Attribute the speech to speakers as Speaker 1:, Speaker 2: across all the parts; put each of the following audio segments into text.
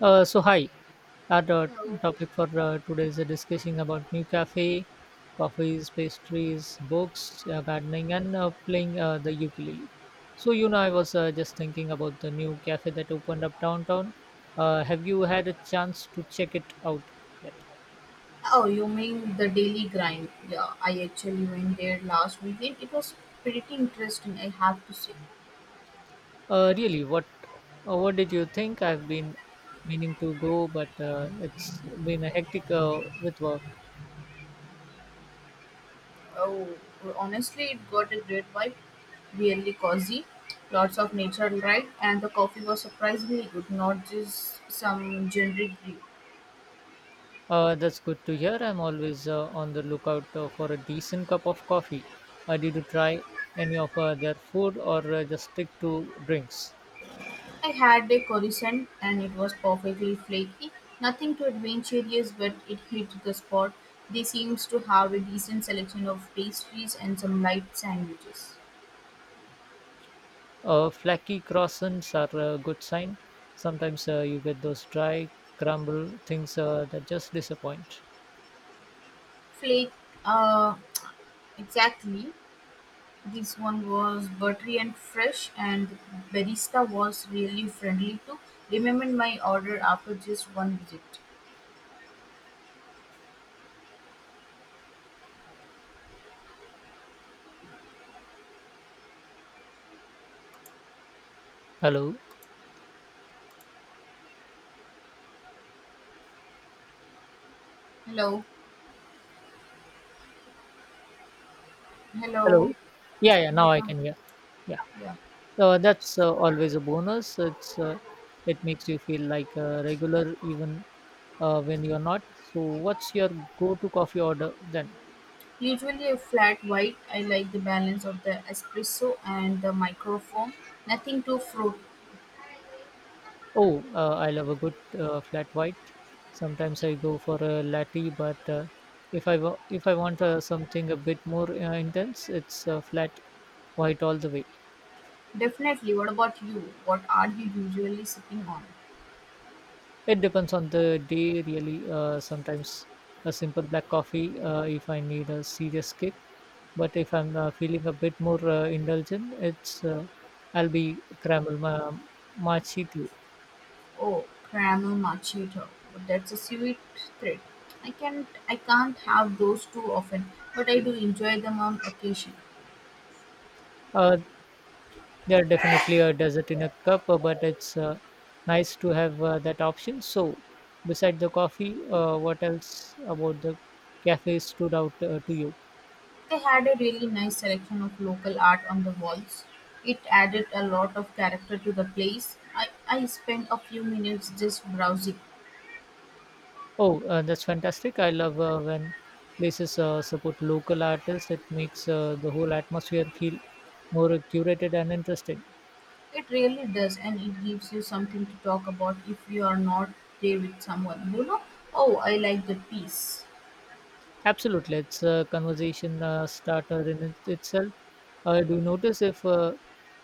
Speaker 1: So hi, our topic for today is discussing about new cafe, coffees, pastries, books, gardening, and playing the ukulele. So, I was just thinking about the new cafe that opened up downtown. Have you had a chance to check it out yet?
Speaker 2: Oh, you mean the Daily Grind? Yeah, I actually went there last weekend. It was pretty interesting, I have to say.
Speaker 1: Really, what did you think? I've been meaning to go, but it's been a hectic with work.
Speaker 2: Oh, honestly, it got a great vibe, really cozy, lots of nature right, and the coffee was surprisingly good, not just some generic brew.
Speaker 1: That's good to hear. I'm always on the lookout for a decent cup of coffee. Did you try any of their food or just stick to drinks?
Speaker 2: I had a croissant, and it was perfectly flaky. Nothing too adventurous, but it hit the spot. They seems to have a decent selection of pastries and some light sandwiches.
Speaker 1: Flaky croissants are a good sign. Sometimes you get those dry, crumble things that just disappoint.
Speaker 2: Flake, uh, exactly. This one was buttery and fresh, and the barista was really friendly too. Remembered my order after just one visit.
Speaker 1: Hello?
Speaker 2: Hello, hello.
Speaker 1: Hello? Yeah, yeah, now I
Speaker 2: Yeah,
Speaker 1: can hear. Yeah.
Speaker 2: yeah.
Speaker 1: That's always a bonus. It makes you feel like a regular even when you're not. So, what's your go-to coffee order then?
Speaker 2: Usually a flat white. I like the balance of the espresso and the microfoam. Nothing too fruit.
Speaker 1: Oh, I love a good flat white. Sometimes I go for a latte, but if I want something a bit more intense, it's flat white all the way.
Speaker 2: Definitely. What about you? What are you usually sipping on?
Speaker 1: It depends on the day, really. Sometimes a simple black coffee if I need a serious kick, but if I'm feeling a bit more indulgent, it's I'll be caramel machi too.
Speaker 2: Oh, caramel macchiato. That's a sweet treat. I can't have those too often, but I do enjoy them on occasion.
Speaker 1: Uh, they're definitely a dessert in a cup, but it's nice to have that option. So, beside the coffee, what else about the cafe stood out to you?
Speaker 2: They had a really nice selection of local art on the walls. It added a lot of character to the place. I spent a few minutes just browsing.
Speaker 1: Oh, that's fantastic. I love when places support local artists. It makes the whole atmosphere feel more curated and interesting.
Speaker 2: It really does, and it gives you something to talk about if you are not there with someone. You know, oh, I like the piece.
Speaker 1: Absolutely. It's a conversation starter in itself. Do you notice if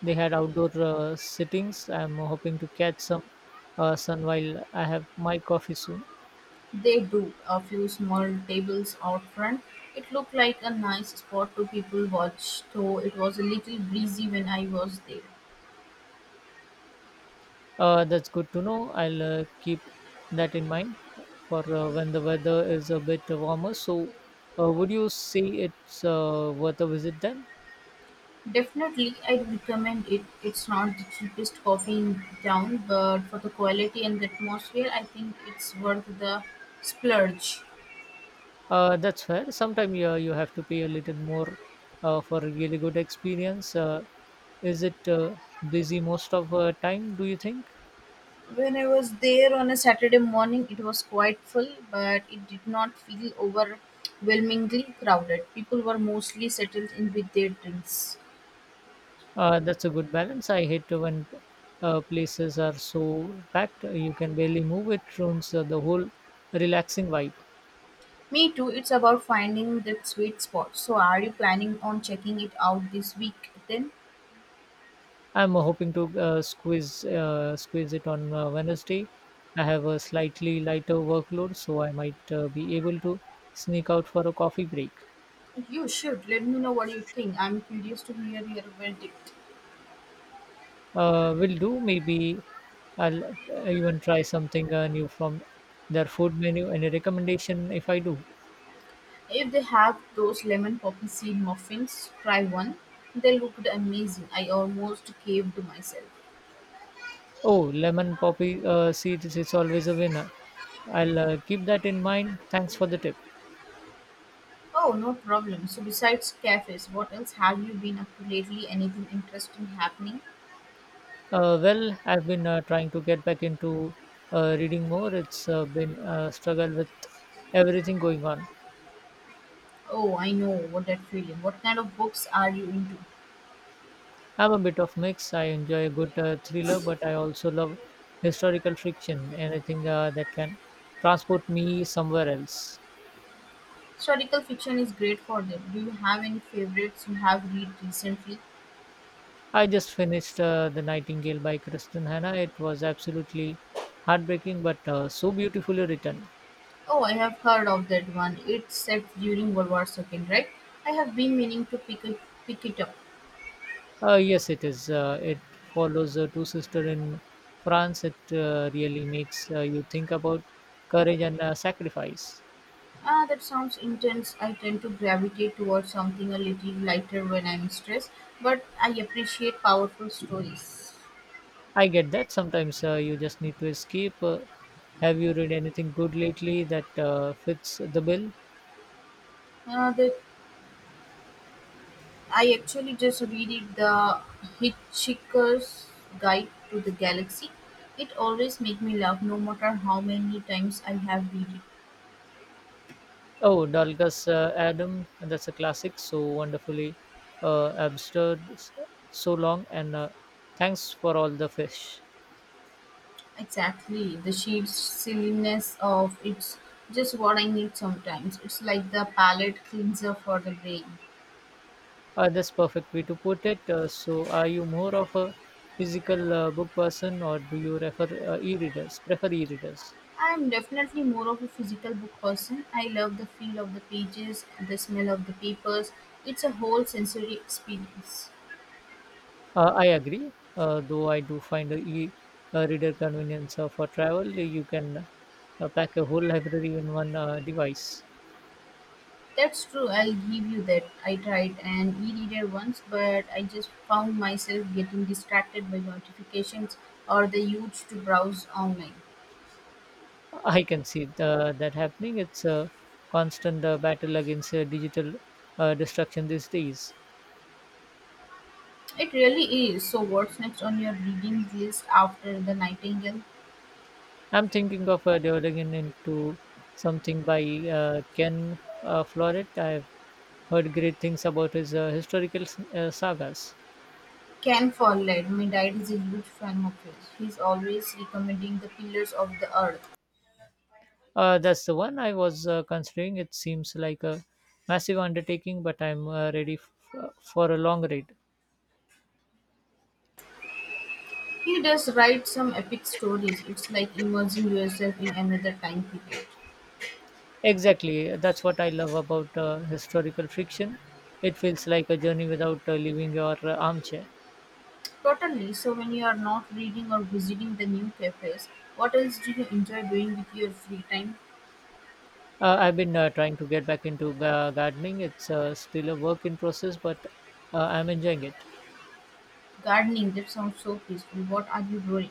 Speaker 1: they had outdoor sittings? I'm hoping to catch some sun while I have my coffee soon.
Speaker 2: They do. A few small tables out front. It looked like a nice spot to people watch, though it was a little breezy when I was there.
Speaker 1: That's good to know. I'll keep that in mind for when the weather is a bit warmer. So, would you say it's worth a visit then?
Speaker 2: Definitely, I'd recommend it. It's not the cheapest coffee in town, but for the quality and the atmosphere, I think it's worth the splurge.
Speaker 1: That's fair. Sometimes you have to pay a little more for a really good experience. Is it busy most of time, do you think?
Speaker 2: When I was there on a Saturday morning, it was quite full, but it did not feel overwhelmingly crowded. People were mostly settled in with their drinks.
Speaker 1: That's a good balance. I hate when places are so packed, you can barely move. It ruins the whole relaxing vibe.
Speaker 2: Me too, it's about finding that sweet spot. So, are you planning on checking it out this week then?
Speaker 1: I'm hoping to squeeze it on Wednesday. I have a slightly lighter workload, so I might be able to sneak out for a coffee break.
Speaker 2: You should let me know what you think. I'm curious to hear your verdict.
Speaker 1: Will do. Maybe I'll even try something new from their food menu. Any recommendation if I do?
Speaker 2: If they have those lemon poppy seed muffins, try one. They looked amazing. I almost caved to myself.
Speaker 1: Oh, lemon poppy seeds is always a winner. I'll keep that in mind. Thanks for the tip.
Speaker 2: Oh, no problem. So, besides cafes, what else have you been up to lately? Anything interesting happening?
Speaker 1: Well, I've been trying to get back into reading more. It's been a struggle with everything going on.
Speaker 2: Oh, I know what that feeling. What kind of books are you into?
Speaker 1: I'm a bit of mix. I enjoy a good thriller, but I also love historical fiction, anything that can transport me somewhere else.
Speaker 2: Historical fiction is great for that. Do you have any favorites you have read recently?
Speaker 1: I just finished The Nightingale by Kristen Hanna. It was absolutely heartbreaking, but so beautifully written.
Speaker 2: Oh, I have heard of that one. It's set during World War Second, right? I have been meaning to pick it up.
Speaker 1: Yes, it is. It follows two sisters in France. It really makes you think about courage and sacrifice.
Speaker 2: Ah, that sounds intense. I tend to gravitate towards something a little lighter when I'm stressed, but I appreciate powerful stories.
Speaker 1: I get that. Sometimes you just need to escape. Have you read anything good lately that fits the bill?
Speaker 2: Uh, the, I actually just read it, the Hitchhiker's Guide to the Galaxy. It always makes me laugh, no matter how many times I have read it.
Speaker 1: Oh, Dalgas Adam, and that's a classic. So wonderfully absurd, so long, and thanks for all the fish.
Speaker 2: Exactly. The sheer silliness of it's just what I need sometimes. It's like the palate cleanser for the brain.
Speaker 1: That's perfect way to put it. So, are you more of a physical book person, or do you refer e-readers? Prefer e-readers?
Speaker 2: I'm definitely more of a physical book person. I love the feel of the pages, the smell of the papers. It's a whole sensory experience.
Speaker 1: I agree. Though I do find a e-reader convenience for travel. You can pack a whole library in one device.
Speaker 2: That's true, I'll give you that. I tried an e reader once, but I just found myself getting distracted by notifications or the urge to browse online.
Speaker 1: I can see that happening. It's a constant battle against digital destruction these days.
Speaker 2: It really is. So, what's next on your reading list after The Nightingale?
Speaker 1: I'm thinking of developing into something by Ken Follett. I've heard great things about his historical sagas.
Speaker 2: Ken Follett, my dad is a huge fan of his. He's always recommending The Pillars of the Earth.
Speaker 1: That's the one I was considering. It seems like a massive undertaking, but I'm ready for a long read.
Speaker 2: He does write some epic stories. It's like immersing yourself in another time period.
Speaker 1: Exactly, that's what I love about historical fiction. It feels like a journey without leaving your armchair.
Speaker 2: Totally. So, when you are not reading or visiting the new cafes, what else do you enjoy doing with your free time?
Speaker 1: I've been trying to get back into gardening. It's still a work in process, but I'm enjoying it.
Speaker 2: Gardening, that sounds so peaceful. What are you growing?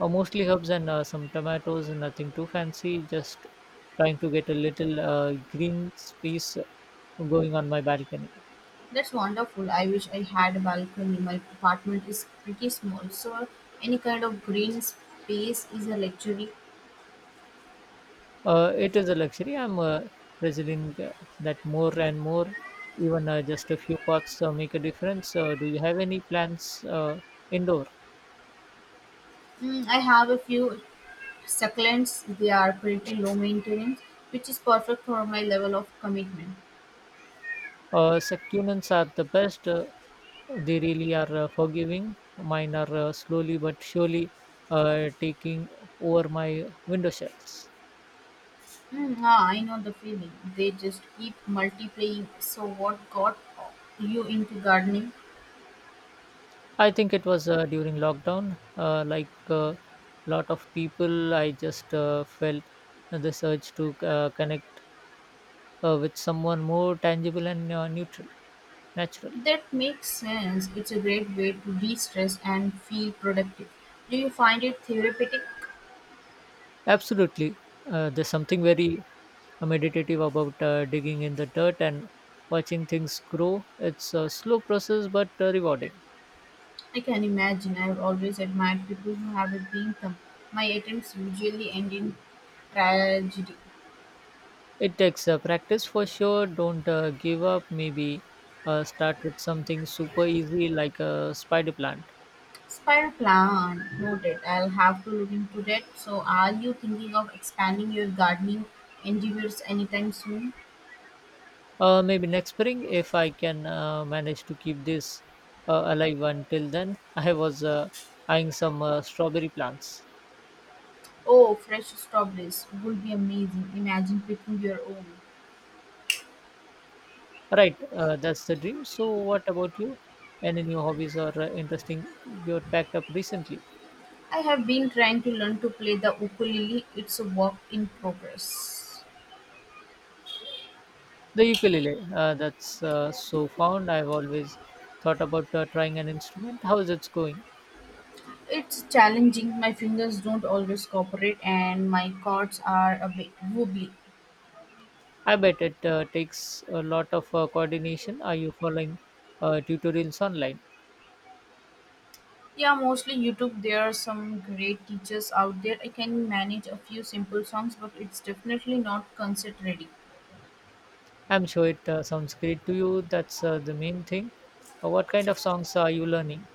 Speaker 1: Mostly herbs and some tomatoes, nothing too fancy, just trying to get a little green space going on my balcony.
Speaker 2: That's wonderful. I wish I had a balcony. My apartment is pretty small, so any kind of green space is a luxury.
Speaker 1: It is a luxury. I'm realizing that more and more, even just a few pots make a difference. Do you have any plants indoor?
Speaker 2: Mm, I have a few succulents. They are pretty low maintenance, which is perfect for my level of commitment.
Speaker 1: Succulents are the best. They really are forgiving. Mine are slowly but surely taking over my window shells.
Speaker 2: Mm, ah, I know the feeling. They just keep multiplying. So what got you into gardening?
Speaker 1: I think it was during lockdown. Like a lot of people, I just felt this urge to connect with someone more tangible and neutral, natural.
Speaker 2: That makes sense. It's a great way to de-stress and feel productive. Do you find it therapeutic?
Speaker 1: Absolutely. There's something very meditative about digging in the dirt and watching things grow. It's a slow process but rewarding.
Speaker 2: I can imagine. I've always admired people who have a being them. My attempts usually end in tragedy.
Speaker 1: It takes practice for sure. Don't give up. Maybe start with something super easy like a spider plant.
Speaker 2: Spiral plan noted. I'll have to look into that. So, are you thinking of expanding your gardening endeavors anytime soon?
Speaker 1: Maybe next spring, if I can manage to keep this alive until then, I was eyeing some strawberry plants.
Speaker 2: Oh, fresh strawberries would be amazing. Imagine picking your own.
Speaker 1: Right, that's the dream. So, what about you? Any new hobbies or interesting you packed up recently?
Speaker 2: I have been trying to learn to play the ukulele. It's a work in progress.
Speaker 1: The ukulele, that's so found. I've always thought about trying an instrument. How is it going?
Speaker 2: It's challenging, my fingers don't always cooperate and my chords are a bit wobbly.
Speaker 1: I bet it takes a lot of coordination. Are you following tutorials online?
Speaker 2: Yeah, mostly YouTube. There are some great teachers out there. I can manage a few simple songs, but it's definitely not concert ready.
Speaker 1: I'm sure it sounds great to you. That's the main thing. What kind of songs are you learning?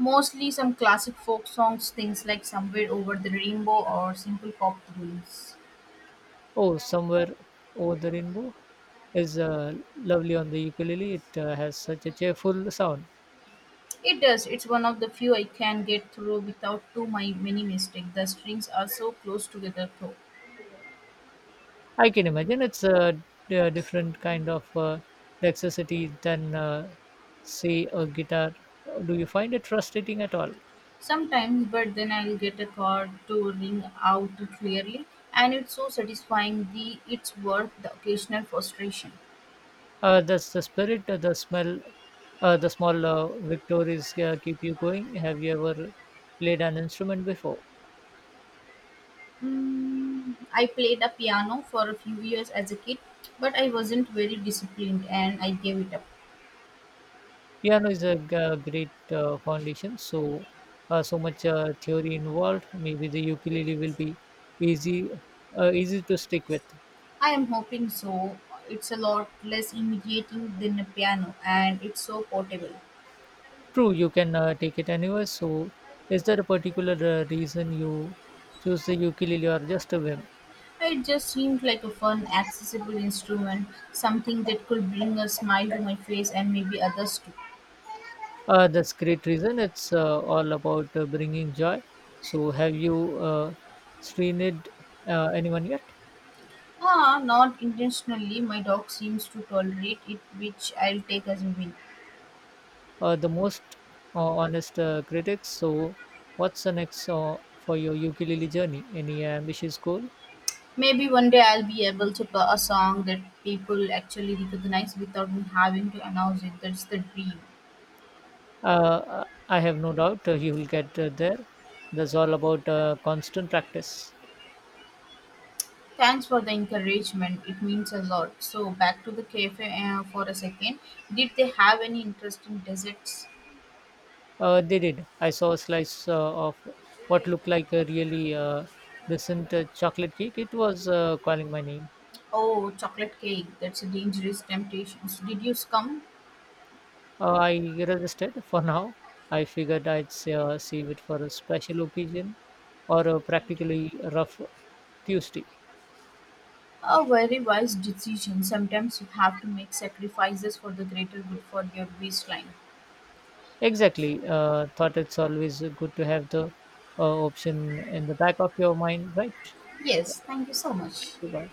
Speaker 2: Mostly some classic folk songs, things like Somewhere Over the Rainbow or Simple Pop Tunes.
Speaker 1: Oh, Somewhere Over the Rainbow is lovely on the ukulele. It has such a cheerful sound.
Speaker 2: It does. It's one of the few I can get through without too my many mistake. The strings are so close together though.
Speaker 1: I can imagine it's a different kind of dexterity than, say, a guitar. Do you find it frustrating at all?
Speaker 2: Sometimes, but then I'll get a chord to ring out clearly, and it's so satisfying. The it's worth the occasional frustration.
Speaker 1: Does the spirit, the smell, the small victories keep you going? Have you ever played an instrument before?
Speaker 2: Mm, I played a piano for a few years as a kid, but I wasn't very disciplined, and I gave it up.
Speaker 1: Piano is a great foundation. So, so much theory involved. Maybe the ukulele will be easy, easy to stick with.
Speaker 2: I am hoping so. It's a lot less intimidating than a piano, and it's so portable.
Speaker 1: True, you can take it anywhere. So, is there a particular reason you choose the ukulele or just a whim?
Speaker 2: It just seemed like a fun, accessible instrument, something that could bring a smile to my face and maybe others too.
Speaker 1: That's great reason. It's all about bringing joy. So, have you seen it anyone yet?
Speaker 2: Ah, not intentionally. My dog seems to tolerate it, which I'll take as a win.
Speaker 1: The most honest critics. So, what's the next for your ukulele journey? Any ambitious goal?
Speaker 2: Maybe one day I'll be able to play a song that people actually recognize without me having to announce it. That's the dream.
Speaker 1: I have no doubt you will get there. That's all about constant practice.
Speaker 2: Thanks for the encouragement. It means a lot. So, back to the cafe for a second. Did they have any interesting desserts?
Speaker 1: They did. I saw a slice of what looked like a really decent chocolate cake. It was calling my name.
Speaker 2: Oh, chocolate cake. That's a dangerous temptation. So, did you succumb?
Speaker 1: I resisted for now. I figured I'd save it for a special occasion or a practically rough Tuesday.
Speaker 2: A very wise decision. Sometimes you have to make sacrifices for the greater good for your waistline.
Speaker 1: Exactly. Thought it's always good to have the option in the back of your mind, right? Yeah.
Speaker 2: Yes, thank you so
Speaker 1: Thank
Speaker 2: much.
Speaker 1: you. Bye.